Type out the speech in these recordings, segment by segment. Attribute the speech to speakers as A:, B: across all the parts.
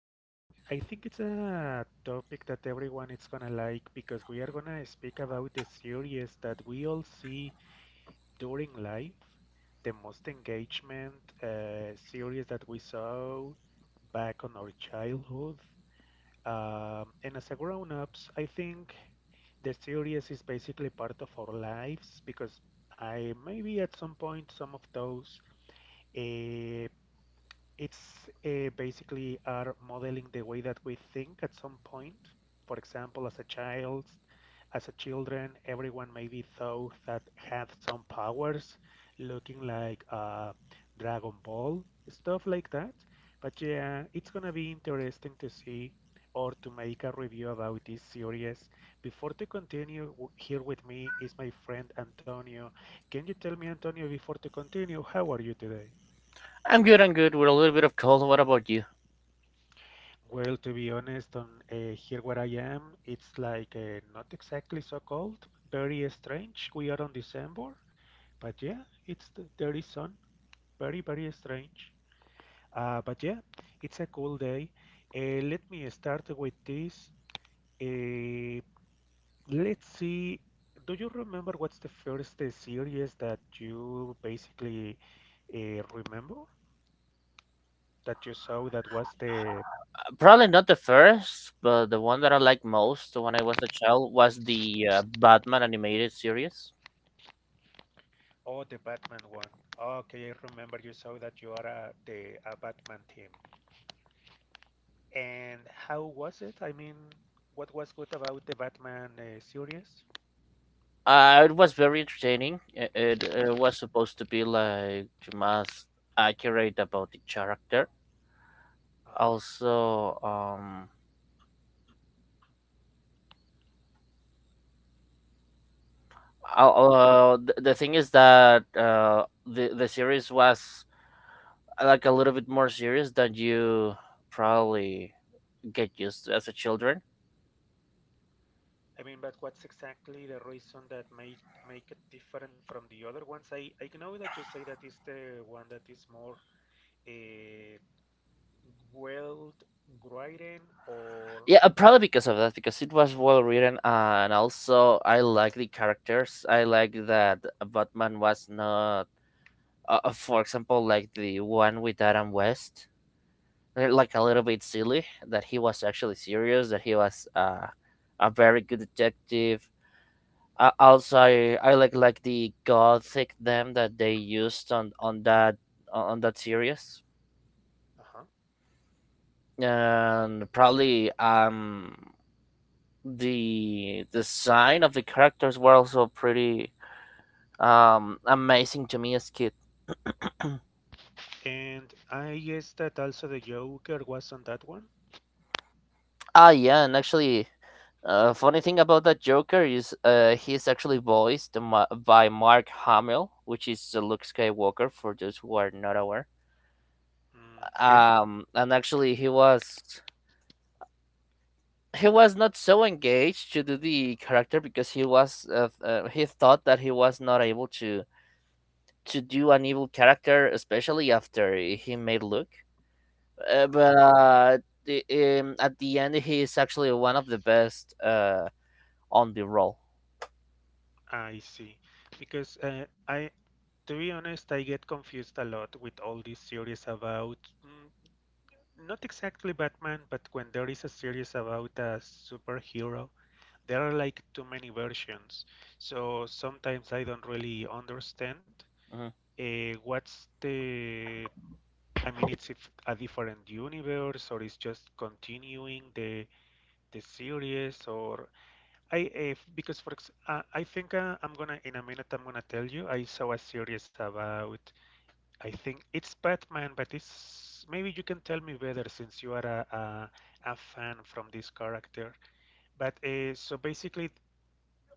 A: speaking. I think it's a topic that everyone is going to like because we are going to speak about the series that we all see during life, the most engagement series that we saw back on our childhood. And as a grown-ups, I think the series is basically part of our lives because I maybe at some point some of those uh, it's basically are modeling the way that we think at some point. For example, as a child, as a children, everyone maybe thought that had some powers, looking like Dragon Ball, stuff like that. But yeah, it's gonna be interesting to see or to make a review about this series. Before to continue, here with me is my friend Antonio. Can you tell me, Antonio, before to continue, how are you today?
B: I'm good, with a little bit of cold. What about you?
A: Well, to be honest, on here where I am, it's like not exactly so cold, very strange. We are on December, but yeah, it's the, there is sun. Very, very strange. But yeah, it's a cool day. Let me start with this. Uh, let's see. Do you remember what's the first series that you basically remember that you saw that was the
B: Probably not the first, but the one that I liked most when I was a child was the Batman animated series.
A: oh, the Batman one? Okay, I remember you saw that you are a, the a Batman team. And how was it? I mean, what was good about the Batman series?
B: It was very entertaining. It was supposed to be like most accurate about the character.
A: Uh-huh,
B: Also,
A: uh-huh.
B: the thing is that the series was like a little bit more serious than you probably get used to as a children.
A: I mean, but what's exactly the reason that make it different from the other ones? I know that you say that is the one that is more uh, well written or
B: Yeah, probably because of that, because it was well written, and also I like the characters. I like that Batman was not, for example, like the one with Adam West, like a little bit silly. That he was actually serious. That he was a very good detective. I like the gothic them that they used on that series,
A: uh-huh.
B: and probably the design of the characters were also pretty amazing to me as kid.
A: And I guess that also the Joker was on that one.
B: Ah, yeah, and actually, funny thing about that Joker is he's actually voiced by Mark Hamill, which is the Luke Skywalker for those who are not aware.
A: Mm, okay.
B: And actually, he was not so engaged to do the character because he thought that he was not able to do an evil character, especially after he made Luke. uh,
A: Uh-huh.
B: but the, at the end, he is actually one of the best on the role.
A: I see. Because I, to be honest, I get confused a lot with all these series about mm, not exactly Batman, but when there is a series about a superhero there are like too many versions. So sometimes I don't really understand
B: Mhm.
A: what's the. I mean, it's if a different universe or it's just continuing the series or I if, because for ex- I think I'm gonna in a minute I'm gonna tell you I saw a series about I think it's Batman but it's maybe you can tell me better since you are a fan from this character but so basically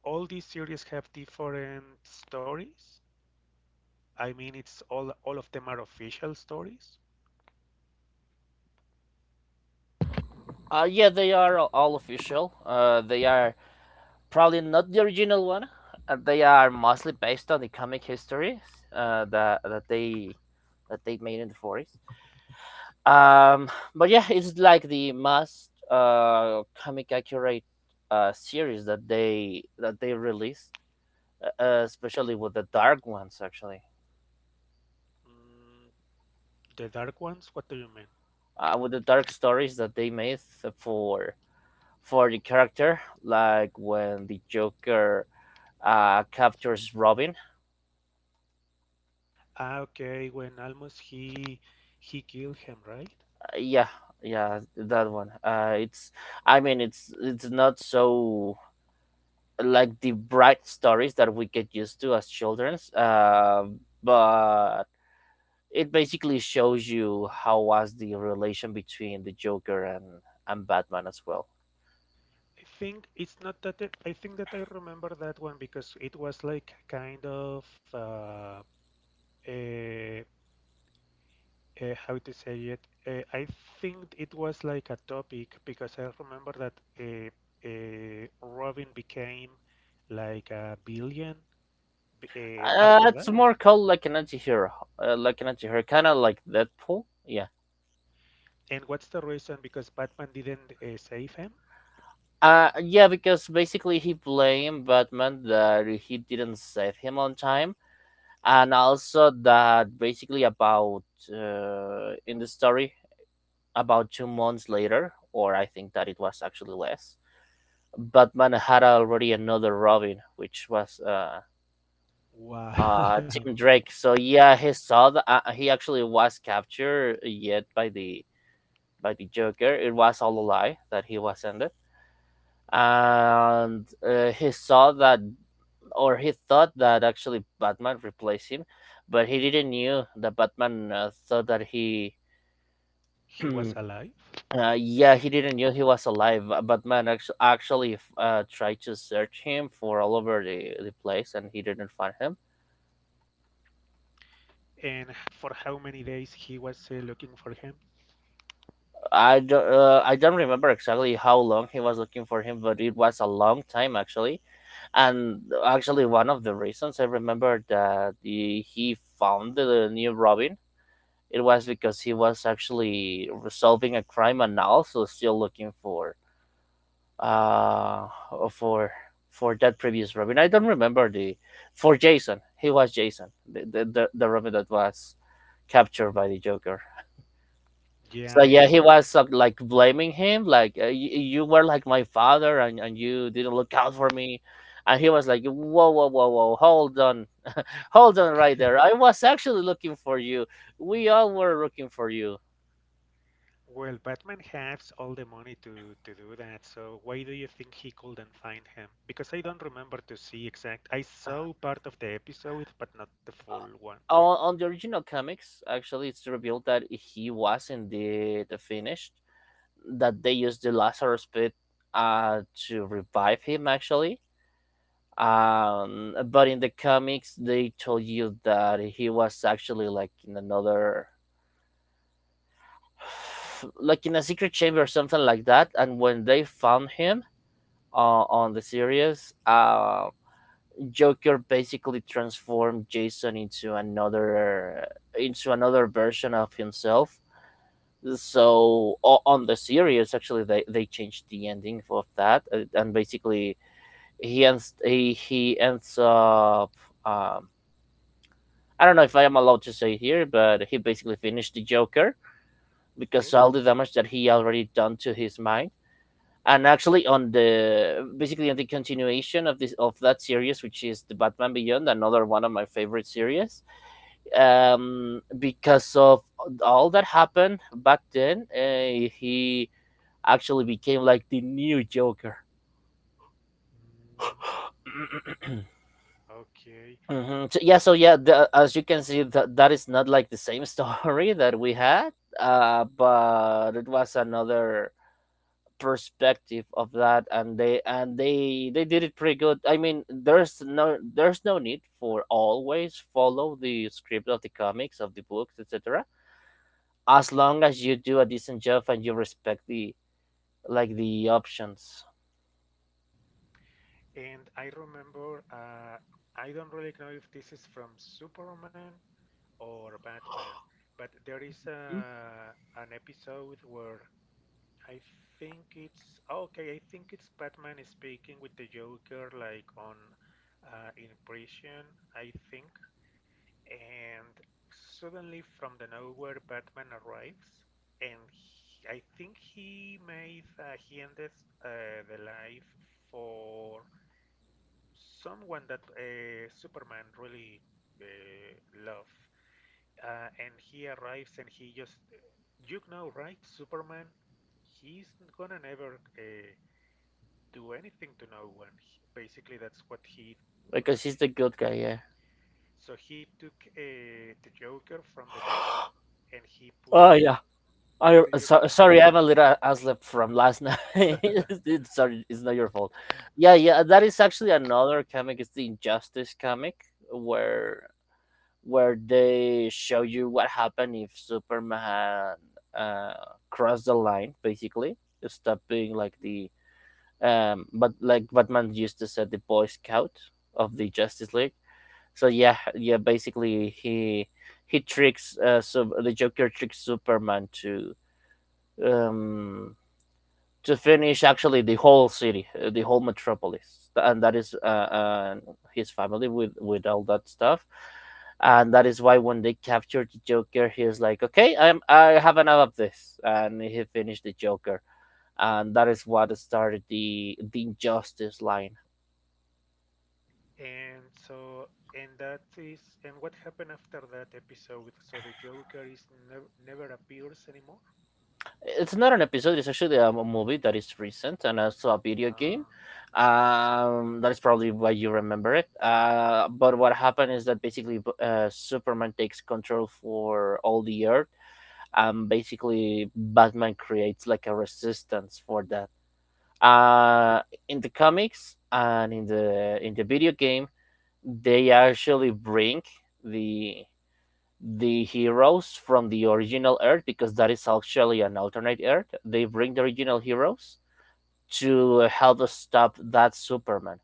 A: all these series have different stories. I mean, it's all of them are official stories.
B: Yeah, they are all official. They are probably not the original one. They are mostly based on the comic histories that they made in the 40s. But yeah, it's like the most comic accurate series that they released, especially with the dark ones actually.
A: Mm, the dark ones? What do you mean?
B: With the dark stories that they made for for the character, like when the Joker captures Robin.
A: Ah, okay. When almost he killed him, right?
B: Yeah, yeah, that one. It's I mean it's not so like the bright stories that we get used to as childrens, but it basically shows you how was the relation between the Joker and Batman as well.
A: I think it's not that. I think that I remember that one because it was like kind of a, a how to say it. I think it was like a topic because I remember that uh, Robin became like a billion after
B: It's
A: that?
B: more called like an anti-hero, kind of like Deadpool. Yeah.
A: And what's the reason because Batman didn't save him.
B: Yeah, because basically he blamed Batman that he didn't save him on time, and also that basically about in the story about 2 months later, or I think that it was actually less. Batman had already another Robin, which was
A: Wow.
B: Tim Drake. So yeah, he saw that he actually was captured yet by the Joker. It was all a lie that he was ended, and he saw that, or he thought that actually Batman replaced him, but he didn't knew that Batman thought that he.
A: He was
B: uh,
A: alive?
B: yeah, he didn't knew he was alive. Batman actually tried to search him for all over the place, and he didn't find him.
A: And for how many days he was looking for him?
B: I don't remember exactly how long he was looking for him, but it was a long time actually. And actually, one of the reasons I remember that he found the new Robin, it was because he was actually resolving a crime and also still looking uh for for that previous Robin. I don't remember the for Jason. He was Jason, the Robin that was captured by the Joker.
A: Yeah,
B: So
A: I
B: yeah,
A: rem-
B: he was like blaming him like, You were like my father, and you didn't look out for me." And he was like, "Whoa, whoa, whoa, whoa, hold on. Hold on right
A: Okay.
B: there. I was actually looking for you. We all were looking for you."
A: Well, Batman has all the money to do that, so why do you think he couldn't find him? Because I don't remember to see exact. I saw part of the episode, but not the full one.
B: On the original comics, actually, it's revealed that he was indeed finished, that they used the Lazarus Pit to revive him, actually. But in the comics, they told you that he was actually like in another, like in a secret chamber or something like that. And when they found him on the series, Joker basically transformed Jason into another version of himself. So on the series, actually, they changed the ending of that, and basically he ends up. Um, I don't know if I am allowed to say here, but he basically finished the Joker because
A: Okay.
B: all the damage that he already done to his mind. And actually, on the continuation of this of that series, which is the Batman Beyond, another one of my favorite series, because of all that happened back then, he actually became like the new Joker.
A: Mm, okay.
B: So, yeah, as you can see, that is not like the same story that we had, but it was another perspective of that, and they did it pretty good. I mean, there's no need for always follow the script of the comics of the books, etc, as long as you do a decent job and you respect the like the options.
A: And I remember, I don't really know if this is from Superman or Batman, but there is
B: Hmm?
A: a, an episode where I think it's oh, okay. I think it's Batman speaking with the Joker, like on in prison, I think. And suddenly, from the nowhere, Batman arrives, and he, I think he made he ended the life for someone that Superman really love, and he arrives and he just, eh, you know, right? Superman, he's gonna never do anything to no one. He, basically, that's what he.
B: Because he's the good guy, yeah.
A: So he took the Joker from the neck and he put
B: Oh
A: it.
B: yeah.
A: Do you remember
B: Sorry, I'm a little asleep from last night.
A: it?
B: Sorry, it's not your fault. Yeah, yeah, that is actually another comic, it's the Injustice comic where where they show you what happened if Superman uh crossed the line, basically stop being like the, but like Batman used to say, the Boy Scout of the Justice League. So yeah, yeah, basically he tricks so the Joker tricks Superman um to finish actually the whole city, the whole metropolis, and that is uh his family with all that stuff. And that is why when they captured the Joker, he is like, "Okay, I have enough of this," and he finished the Joker, and that is what started the Injustice line.
A: And so, and that is, and what happened after that episode? So the Joker is nev never appears anymore.
B: It's not an episode. It's actually a movie that is recent and also a video game.
A: Uh,
B: That is probably why you remember it. But what happened is that basically, Superman takes control for all the Earth, and basically, Batman creates like a resistance for that. Uh, in the comics and in the video game, they actually bring the the heroes from the original Earth, because that is actually an alternate Earth. They bring the original heroes to help stop that Superman.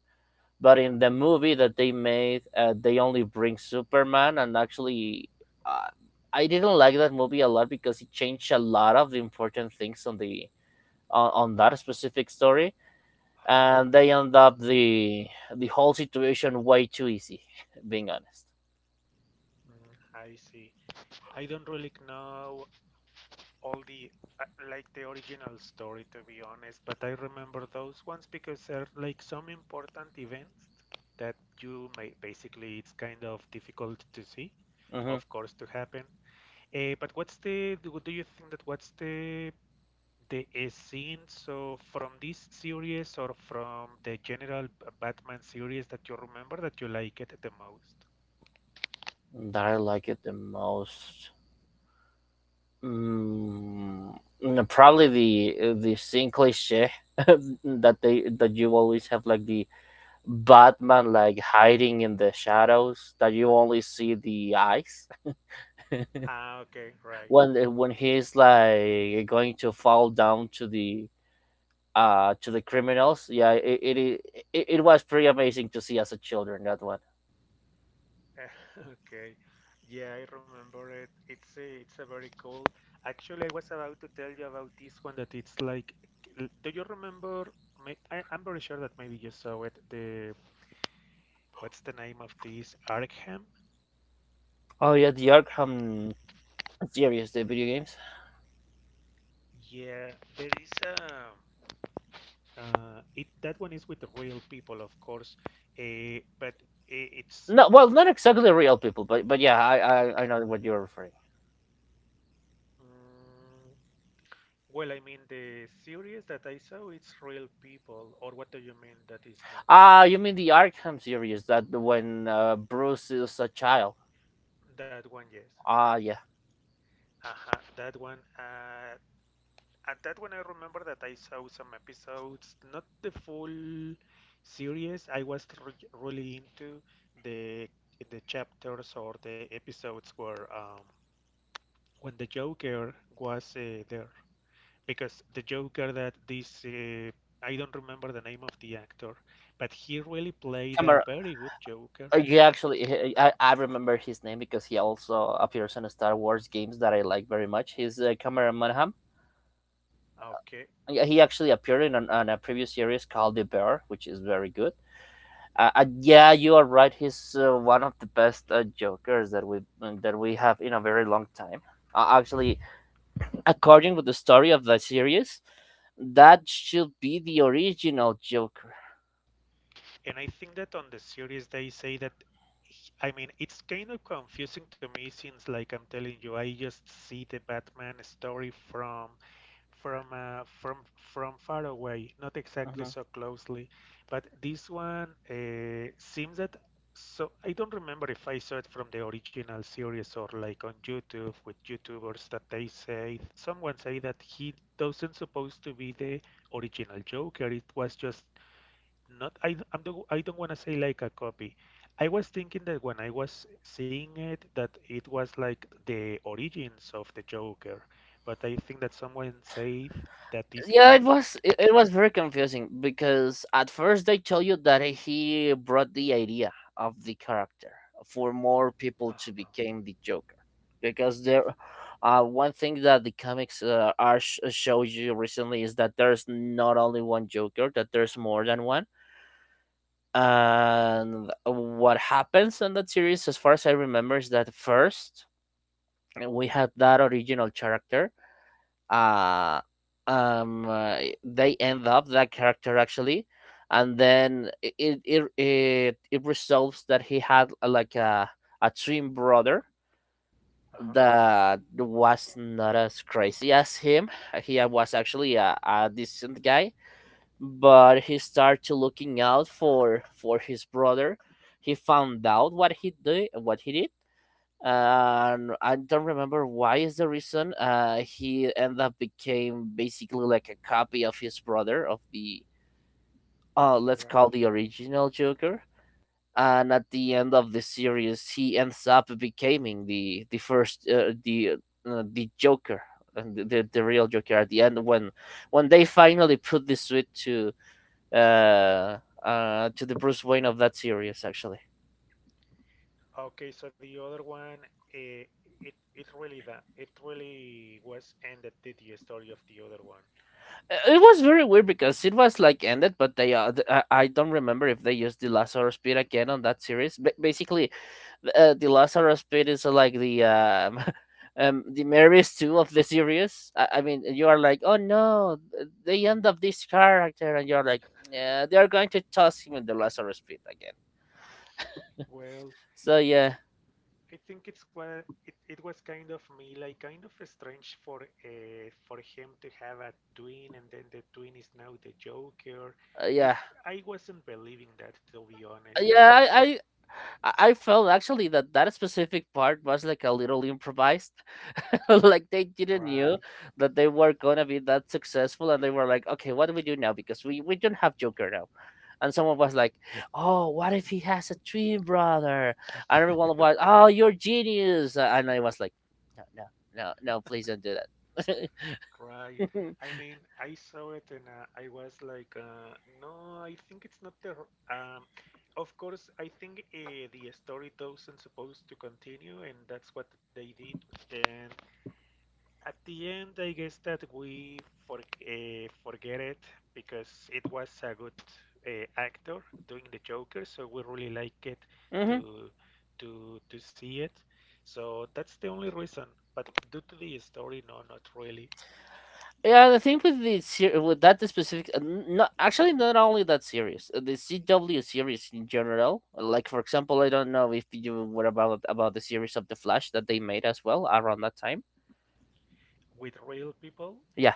B: But in the movie that they made, they only bring Superman, and actually, uh, I didn't like that movie a lot because it changed a lot of the important things on on that specific story,
A: huh.
B: and they end up the whole situation way too easy, being honest.
A: Mm, I see. I don't really know all the uh, like the original story to be honest, but I remember those ones because they're like some important events that you may basically it's kind of difficult to see,
B: Mm-hmm.
A: of course, to happen. Eh, but what's the do you think that what's the scene so from this series or from the general Batman series that you remember that you like it the most?
B: That I like it the most. Probably the same cliche that you always have like the Batman like hiding in the shadows that you only see the eyes.
A: Ah, okay, right.
B: When he's like going to fall down to the criminals, yeah, it was pretty amazing to see as a children that one.
A: Okay. Yeah, I remember it. It's a very cool. Actually, I was about to tell you about this one that it's like, l- do you remember? May- I, I'm very sure that maybe you saw it. The what's the name of this Arkham?
B: Oh yeah, the Arkham series, the video games.
A: Yeah, there is a. It that one is with real people, of course. But I- it's
B: No, well, not exactly real people, but yeah, I know what you're referring.
A: mm, well, I mean the series that I saw, it's real people. Or what do you mean that is not?
B: Ah, you mean the Arkham series, that when Bruce is a child.
A: That one, yes.
B: Ah, yeah,
A: Uh-huh, that one. At that one, I remember that I saw some episodes, not the full series. I was re really into the the chapters or the episodes where when the Joker was there, because the Joker that this I don't remember the name of the actor, but he really played a
B: Camera.
A: very good Joker.
B: You actually, I remember his name because he also appears in Star Wars games that I like very much. He's Camera Manham.
A: Okay,
B: Yeah, he actually appeared in, on a previous series called The Bear, which is very good. Yeah, you are right. He's one of the best Jokers that we have in a very long time. Actually, according with the story of the series, that should be the original Joker.
A: and I think that on the series they say that, I mean, it's kind of confusing to me since, like I'm telling you, I just see the Batman story from far away, not exactly so closely. But this one seems that so I don't remember if I saw it from the original series or like on YouTube with YouTubers that they say someone say that he doesn't supposed to be the original Joker. It was just not I, I don't I don't want to say like a copy. I was thinking that when I was seeing it that it was like the origins of the Joker, but I think that someone said that is
B: Yeah,
A: not.
B: it was very confusing because at first they tell you that he brought the idea of the character for more people to
A: Uh-huh.
B: become the Joker, because there one thing that the comics are showed you recently is that there's not only one Joker, that there's more than one. And what happens in that series as far as I remember is that first we had that original character. uh um uh, they end up that character actually, and then it resolves that he had like a twin brother
A: Uh-huh.
B: that was not as crazy as him. He was actually a decent guy, but he started to looking out for his brother. He found out what he did, what he did. And I don't remember why is the reason. He ended up became basically like a copy of his brother of the let's
A: Right.
B: call the original Joker. And at the end of the series, he ends up becoming the first the Joker and the real Joker at the end when they finally put the suit uh to the Bruce Wayne of that series actually.
A: Okay, so the other one, eh, it it really that it really was ended the story of the other one.
B: It was very weird because it was like ended, but I don't remember if they used the Lazarus Pit again on that series. But basically, the Lazarus Pit is like the the Marys two of the series. I mean, you are like, oh no, the end of this character, and you're like, yeah, they are going to toss him in the Lazarus Pit again.
A: Well,
B: So yeah,
A: I think it's well, it was kind of me like kind of strange for him to have a twin and then the twin is now the Joker.
B: uh,
A: It
B: yeah,
A: I wasn't believing that to be honest. I
B: yeah. I,
A: was
B: I I I felt actually that that specific part was like a little improvised like they didn't knew
A: right,
B: that they were gonna be that successful, and they were like, "Okay, what do we do now? Because we don't have Joker now." And someone was like, "Oh, what if he has a twin brother?" And everyone was, "Oh, you're genius!" And I was like, "No, no, no, no! Please don't do that."
A: right. I mean, I saw it and I was like, no, I think it's not the. R- of course, I think the story doesn't supposed to continue, and that's what they did. And at the end, I guess that we for, forget it because it was a good actor doing the Joker, so we really like it
B: hmm.
A: to to see it. So that's the only reason. But due to the story, no, not really.
B: Yeah, the thing with with that specific, not actually not only that series, the CW series in general. Like for example, I don't know if you were about the series of the Flash that they made as well around that time.
A: With real people,
B: Yeah,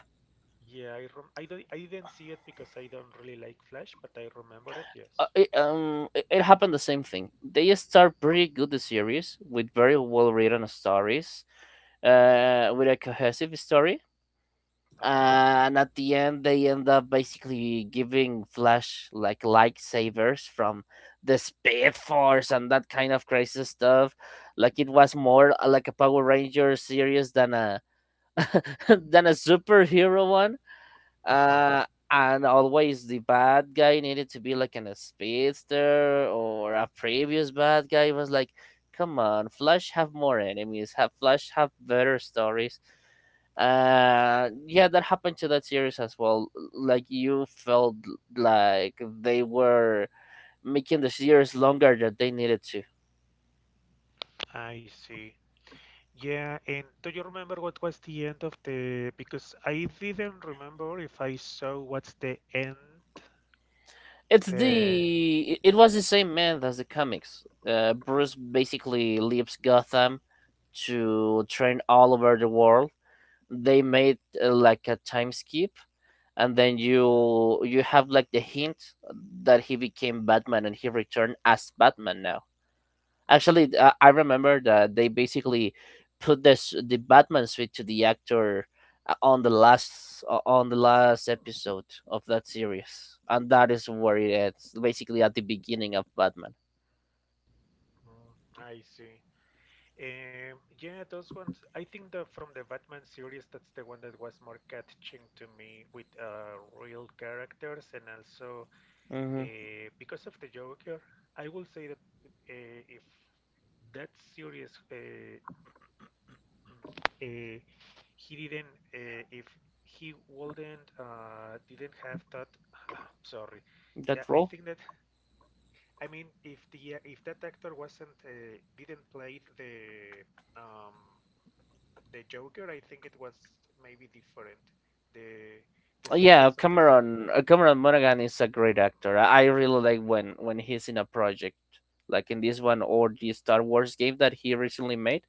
A: yeah, I rem I don't I didn't see it because I don't really like Flash, but I remember it, yes.
B: it happened the same thing. They start pretty good the series with very well written stories, with a cohesive story,
A: Uh-huh.
B: and at the end they end up basically giving Flash like lightsabers from the Speed Force and that kind of crazy stuff. Like it was more like a Power Ranger series than a than a superhero one
A: Uh-huh.
B: uh and always the bad guy needed to be like an a speedster or a previous bad guy. It was like come on Flash, have more enemies, have Flash have better stories. Yeah, that happened to that series as well, like you felt like they were making the series longer than they needed to.
A: I see. Yeah, and do you remember what was the end of the? Because I didn't remember if I saw what's the end. Uh,
B: It was the same man as the comics. Bruce basically leaves Gotham to train all over the world. They made like a time skip, and then you have like the hint that he became Batman and he returned as Batman now. Actually, I remember that they basically put this the Batman suit to the actor on the last episode of that series, and that is where it ends, basically at the beginning of Batman.
A: mm, I see. Yeah, those ones. I think the from the Batman series, that's the one that was more catching to me with real characters, and also
B: Hmm.
A: because of the Joker, I will say that if that series Uh, Uh, he didn't. If he wouldn't, didn't have that. Sorry. Yeah,
B: That
A: I
B: role.
A: think that. I mean, if the if that actor wasn't didn't play um, the Joker, I think it was maybe different. The the
B: Yeah,
A: success of the series.
B: Cameron Monaghan is a great actor. I really like when he's in a project like in this one or the Star Wars game that he recently made.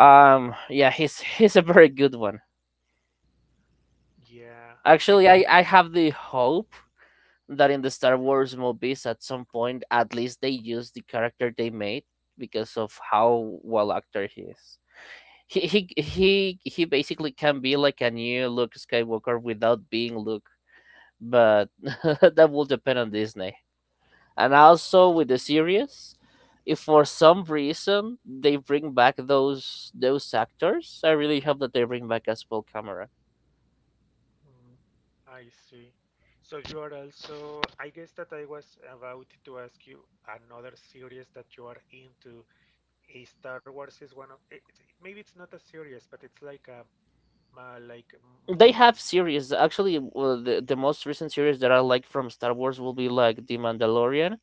B: Yeah, he's a very good one.
A: Yeah, I
B: Actually, I have the hope that in the Star Wars movies at some point at least they use the character they made because of how well actor he is. He basically can be like a new Luke Skywalker without being Luke, but that will depend on Disney. And also with the series, if for some reason they bring back those actors, I really hope that they bring back as well Camera.
A: mm, I see. So you are also, I guess that I was about to ask you another series that you are into. A Star Wars is one of it, maybe it's not a series, but it's like a like
B: They have
A: movie.
B: series. Actually, well, the most recent series that I like from Star Wars will be like The Mandalorian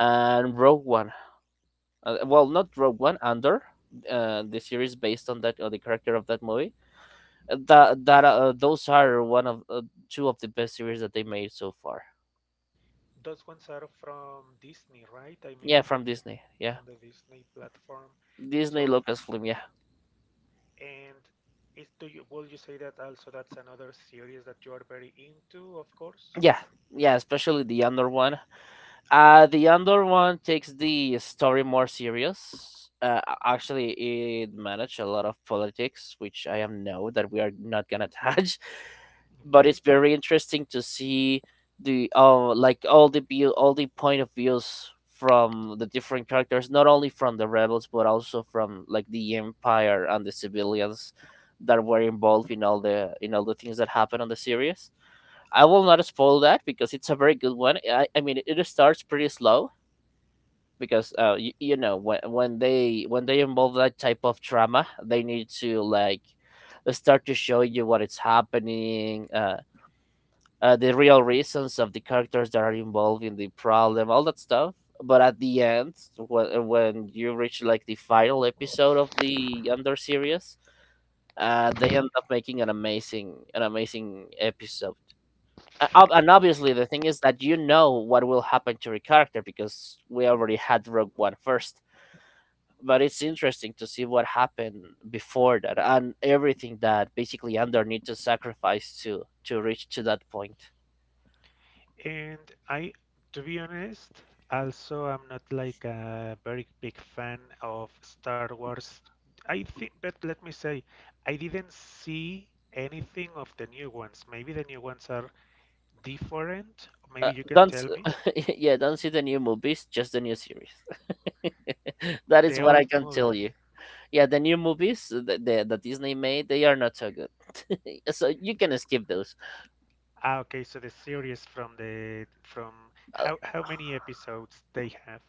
B: and Rogue One. Well, not Rogue One, Andor, the series based on that or the character of that movie. That that Those are one of two of the best series that they made so far.
A: Those ones are from Disney, right? I mean,
B: Yeah, from Disney. Yeah,
A: on the Disney platform.
B: Disney
A: So,
B: Lucasfilm. Yeah.
A: and is do you will you say that also that's another series that you are very into, of course?
B: Yeah, yeah, especially the Andor one. The Andor one takes the story more serious. Actually, it managed a lot of politics, which I am know that we are not gonna touch. But it's
A: Okay.
B: very interesting to see the like all the view, all the point of views from the different characters, not only from the rebels but also from like the Empire and the civilians that were involved in all the things that happened on the series. I will not spoil that because it's a very good one. I mean, it starts pretty slow because you know when they involve that type of trauma, they need to like start to show you what is happening, the real reasons of the characters that are involved in the problem, all that stuff. But at the end, when you reach like the final episode of the Under series, they end up making an amazing episode. And obviously the thing is that you know what will happen to your character because we already had Rogue One first, but it's interesting to see what happened before that and everything that basically Andor needs to sacrifice to reach to that point.
A: And I, to be honest, also I'm not like a very big fan of Star Wars. I think, but let me say, I didn't see anything of the new ones. Maybe the new ones are different. Maybe you can
B: Don't
A: tell me.
B: s- Yeah, don't see the new movies, just the new series. That is
A: The
B: what I
A: old
B: can
A: movies.
B: tell you. Yeah, the new movies that that Disney made, they are not so good. So you can skip those.
A: Ah, okay, so the series from the from how many episodes they have?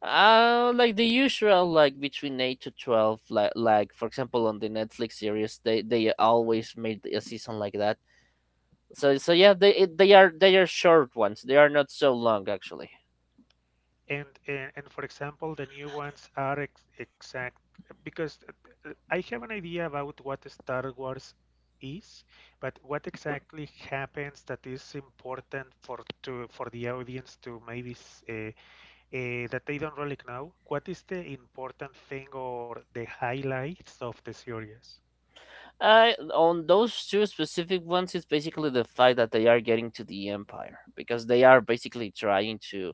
B: Like the usual, like between 8 to 12, like for example on the Netflix series, they always made a season like that. So so yeah, they are short ones. They are not so long actually.
A: And for example, the new ones are ex exact because I have an idea about what Star Wars is, but what exactly happens that is important for to for the audience to maybe uh, that they don't really know? What is the important thing or the highlights of the series?
B: On those two specific ones, it's basically the fact that they are getting to the Empire because they are basically trying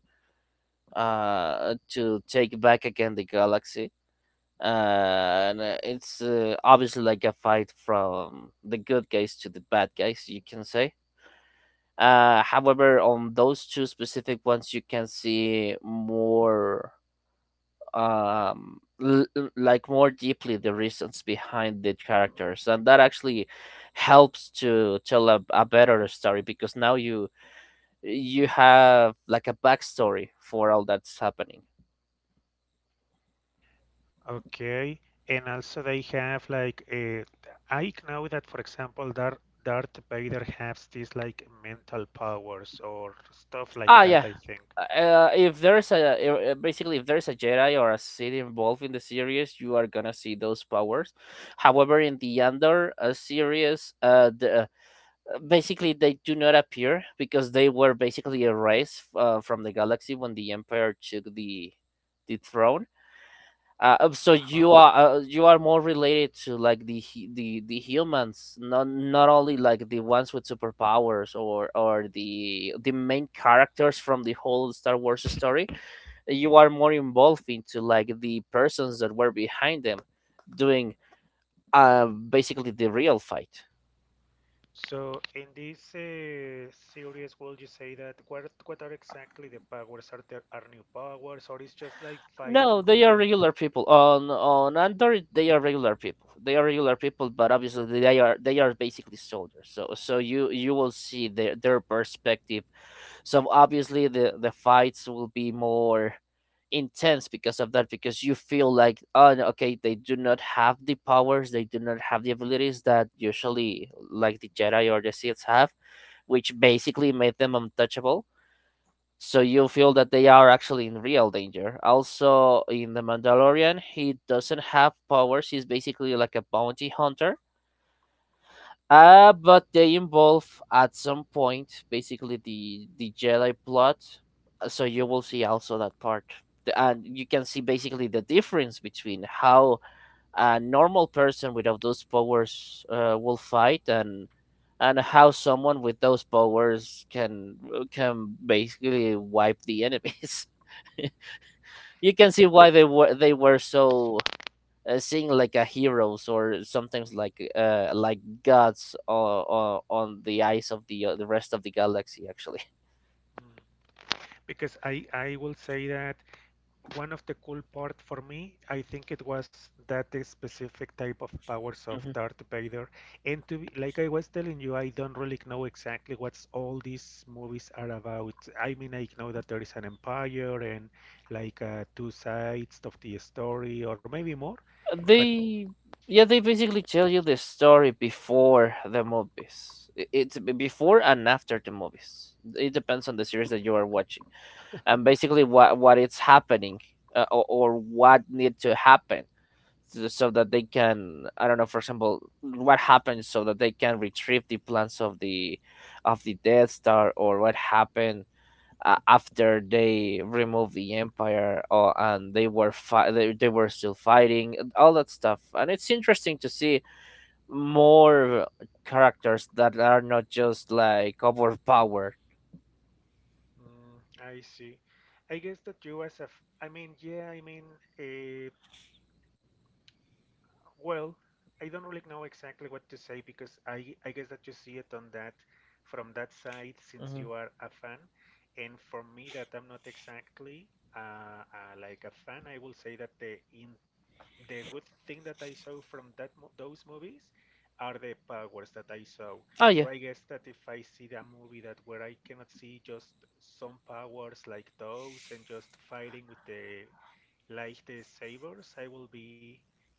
B: to take back again the galaxy. And it's Obviously like a fight from the good guys to the bad guys, you can say. However, on those two specific ones, you can see more, like more deeply the reasons behind the characters, and that actually helps to tell a better story because now you have like a backstory for all that's happening.
A: Okay, and also they have like I know that for example Darth Vader has these like mental powers or stuff like
B: Ah,
A: that,
B: yeah.
A: I think.
B: If there's a basically if there's a Jedi or a Sith involved in the series, you are gonna see those powers. However, in the Andor series, the basically they do not appear because they were basically erased from the galaxy when the empire took the throne. So
A: Uh-huh.
B: you are more related to like the hu- the humans, not only like the ones with superpowers or the main characters from the whole Star Wars story. You are more involved into like the persons that were behind them doing basically the real fight.
A: So in this series, would you say that what are exactly the powers? Are there are new powers, or it's just like fighting
B: No,
A: with
B: they are
A: light?
B: regular people. On Android, they are regular people. They are regular people, but obviously they are basically soldiers. So so you will see their perspective. So obviously the fights will be more intense because of that because you feel like oh no, okay they do not have the powers, they do not have the abilities that usually like the Jedi or the Sith have, which basically made them untouchable. So you feel that they are actually in real danger. Also, in The Mandalorian, he doesn't have powers. He's basically like a bounty hunter. But they involve at some point basically the Jedi plot. So you will see also that part. And you can see basically the difference between how a normal person without those powers will fight, and how someone with those powers can basically wipe the enemies. You can
A: Because,
B: see why they were so seen like a heroes or sometimes like gods on the eyes of the rest of the galaxy actually.
A: because I will say that one of the cool part for me, I think it was that specific type of powers of
B: Mhm.
A: Darth Vader. And to be, like I was telling you, I don't really know exactly what all these movies are about. I mean, I know that there is an empire and like two sides of the story, or maybe more. But
B: they Yeah, they basically tell you the story before the movies. Before and after the movies, it depends on the series that you are watching, and basically what it's happening, or what need to happen, so so that they can, I don't know, for example what happens so that they can retrieve the plans of the Death Star, or what happened after they removed the empire, or and they were they were still fighting and all that stuff, and it's interesting to see more characters that are not just like overpowered.
A: mm, I see. I guess that you as a, I mean, yeah, I mean, uh, Well, I don't really know exactly what to say because I guess that you see it on that from that side since
B: Mhm.
A: you are a fan. And for me, that I'm not exactly like a fan, I will say that the in the good thing that I saw from that mo those movies are the powers that I saw.
B: Oh
A: So
B: yeah.
A: I guess that if I see the movie that where I cannot see just some powers like those and just fighting with the like the Sabres, I will be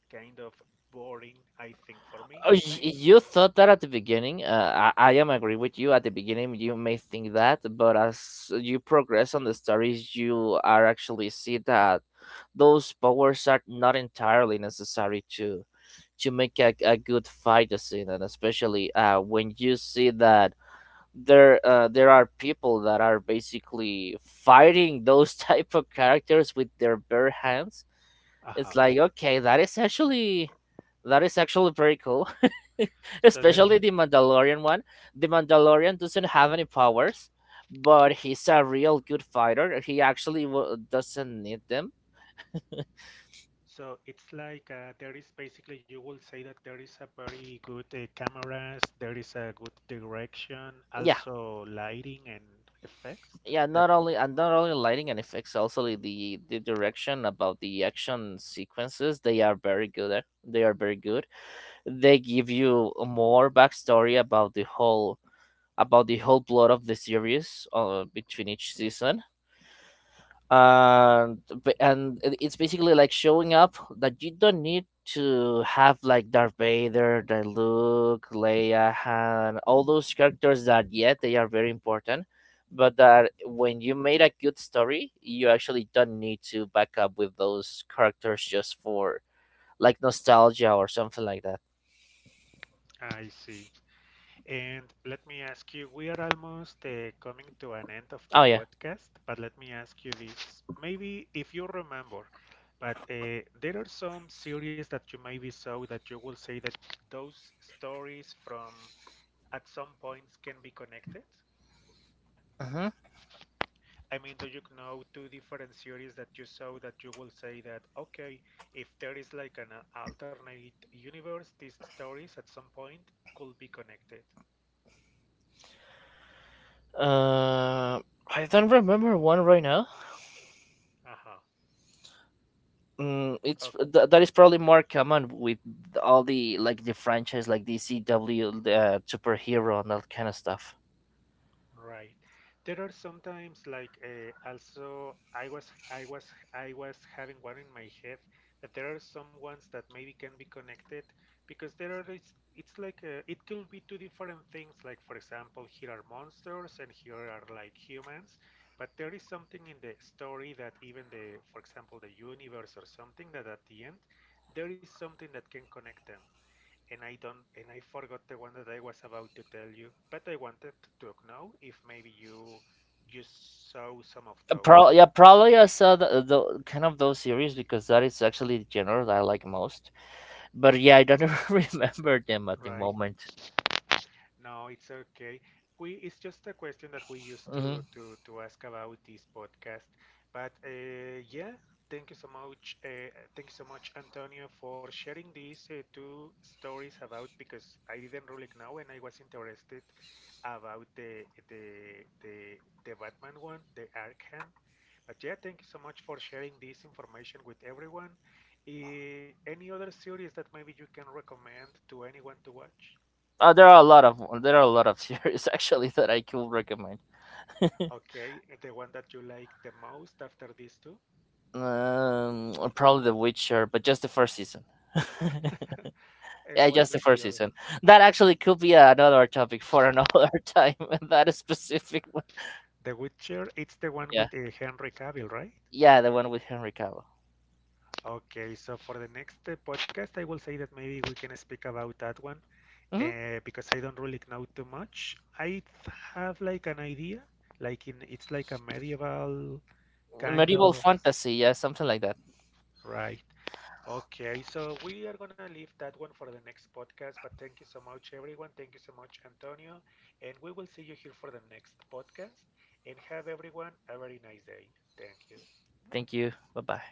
A: kind of boring, I think, for me. May-
B: You thought that at the beginning. I am agree with you. At the beginning, you may think that, but as you progress on the stories, you are actually see that those powers are not entirely necessary to make a good fight scene, and especially when you see that there are people that are basically fighting those type of characters with their bare hands.
A: Uh-huh.
B: It's like okay, that is actually very cool.
A: So there,
B: Especially the Mandalorian one. The Mandalorian doesn't have any powers, but he's a real good fighter. He doesn't need them.
A: so it's like there is basically, you will say that there is a very good cameras, there is a good direction,
B: Yeah,
A: also lighting and effects.
B: yeah.
A: That
B: Not only lighting and effects, also the direction about the action sequences. They are very good. They are very good. They give you more backstory about the whole plot of the series between each season and it's basically like showing up that you don't need to have like Darth Vader, the Luke, Leia, Han, all those characters that yet they are very important, but that when you made a good story, you actually don't need to back up with those characters just for like nostalgia or something like that.
A: I see. And let me ask you, we are almost coming to an end of the
B: Oh yeah.
A: podcast, but let me ask you this. Maybe if you remember, but there are some series that you maybe saw that you will say that those stories from at some points can be connected.
B: Hmm.
A: I mean, do you know two different series that you saw that you will say that, okay, if there is like an alternate universe, these stories at some point could be connected?
B: Uh, I don't remember one right now.
A: Uh-huh.
B: That is probably more common with all the like the franchise like the CW superhero and that kind of stuff.
A: Right. There are sometimes like also I was having one in my head that there are some ones that maybe can be connected because there are it's like it could be two different things like for example here are monsters and here are like humans but there is something in the story that even the for example the universe or something that at the end there is something that can connect them and I don't and I forgot the one that I was about to tell you, but I wanted to know if maybe you saw some of those,
B: Yeah, probably I saw the kind of those series because that is actually the genre that I like most. But yeah, I don't remember them at the
A: right?
B: moment.
A: No, it's okay. We it's just a question that we used
B: Hmm.
A: to ask about this podcast. But yeah, thank you so much. Thank you so much, Antonio, for sharing these two stories about because I didn't really know and I was interested about the Batman one, the Arkham. But yeah, thank you so much for sharing this information with everyone. Any other series that maybe you can recommend to anyone to watch?
B: There are a lot of series actually that I could recommend.
A: Okay, the one that you like the most after these two?
B: Probably The Witcher, but just the first season.
A: And
B: Yeah,
A: why
B: just
A: not
B: the
A: the
B: first
A: other?
B: season. That actually could be another topic for another time. That specific one.
A: The Witcher, it's the one
B: Yeah,
A: with Henry Cavill, right?
B: yeah, the one with Henry Cavill.
A: Okay, so for the next podcast, I will say that maybe we can speak about that one
B: Hmm.
A: because I don't really know too much. I th- have like an idea, like in it's like a medieval kind
B: Medieval
A: of,
B: fantasy. Yeah, something like that.
A: right? Okay, so we are gonna leave that one for the next podcast, but thank you so much, everyone. Thank you so much, Antonio. And we will see you here for the next podcast. And have everyone a very nice day. Thank you.
B: Thank you. Bye bye.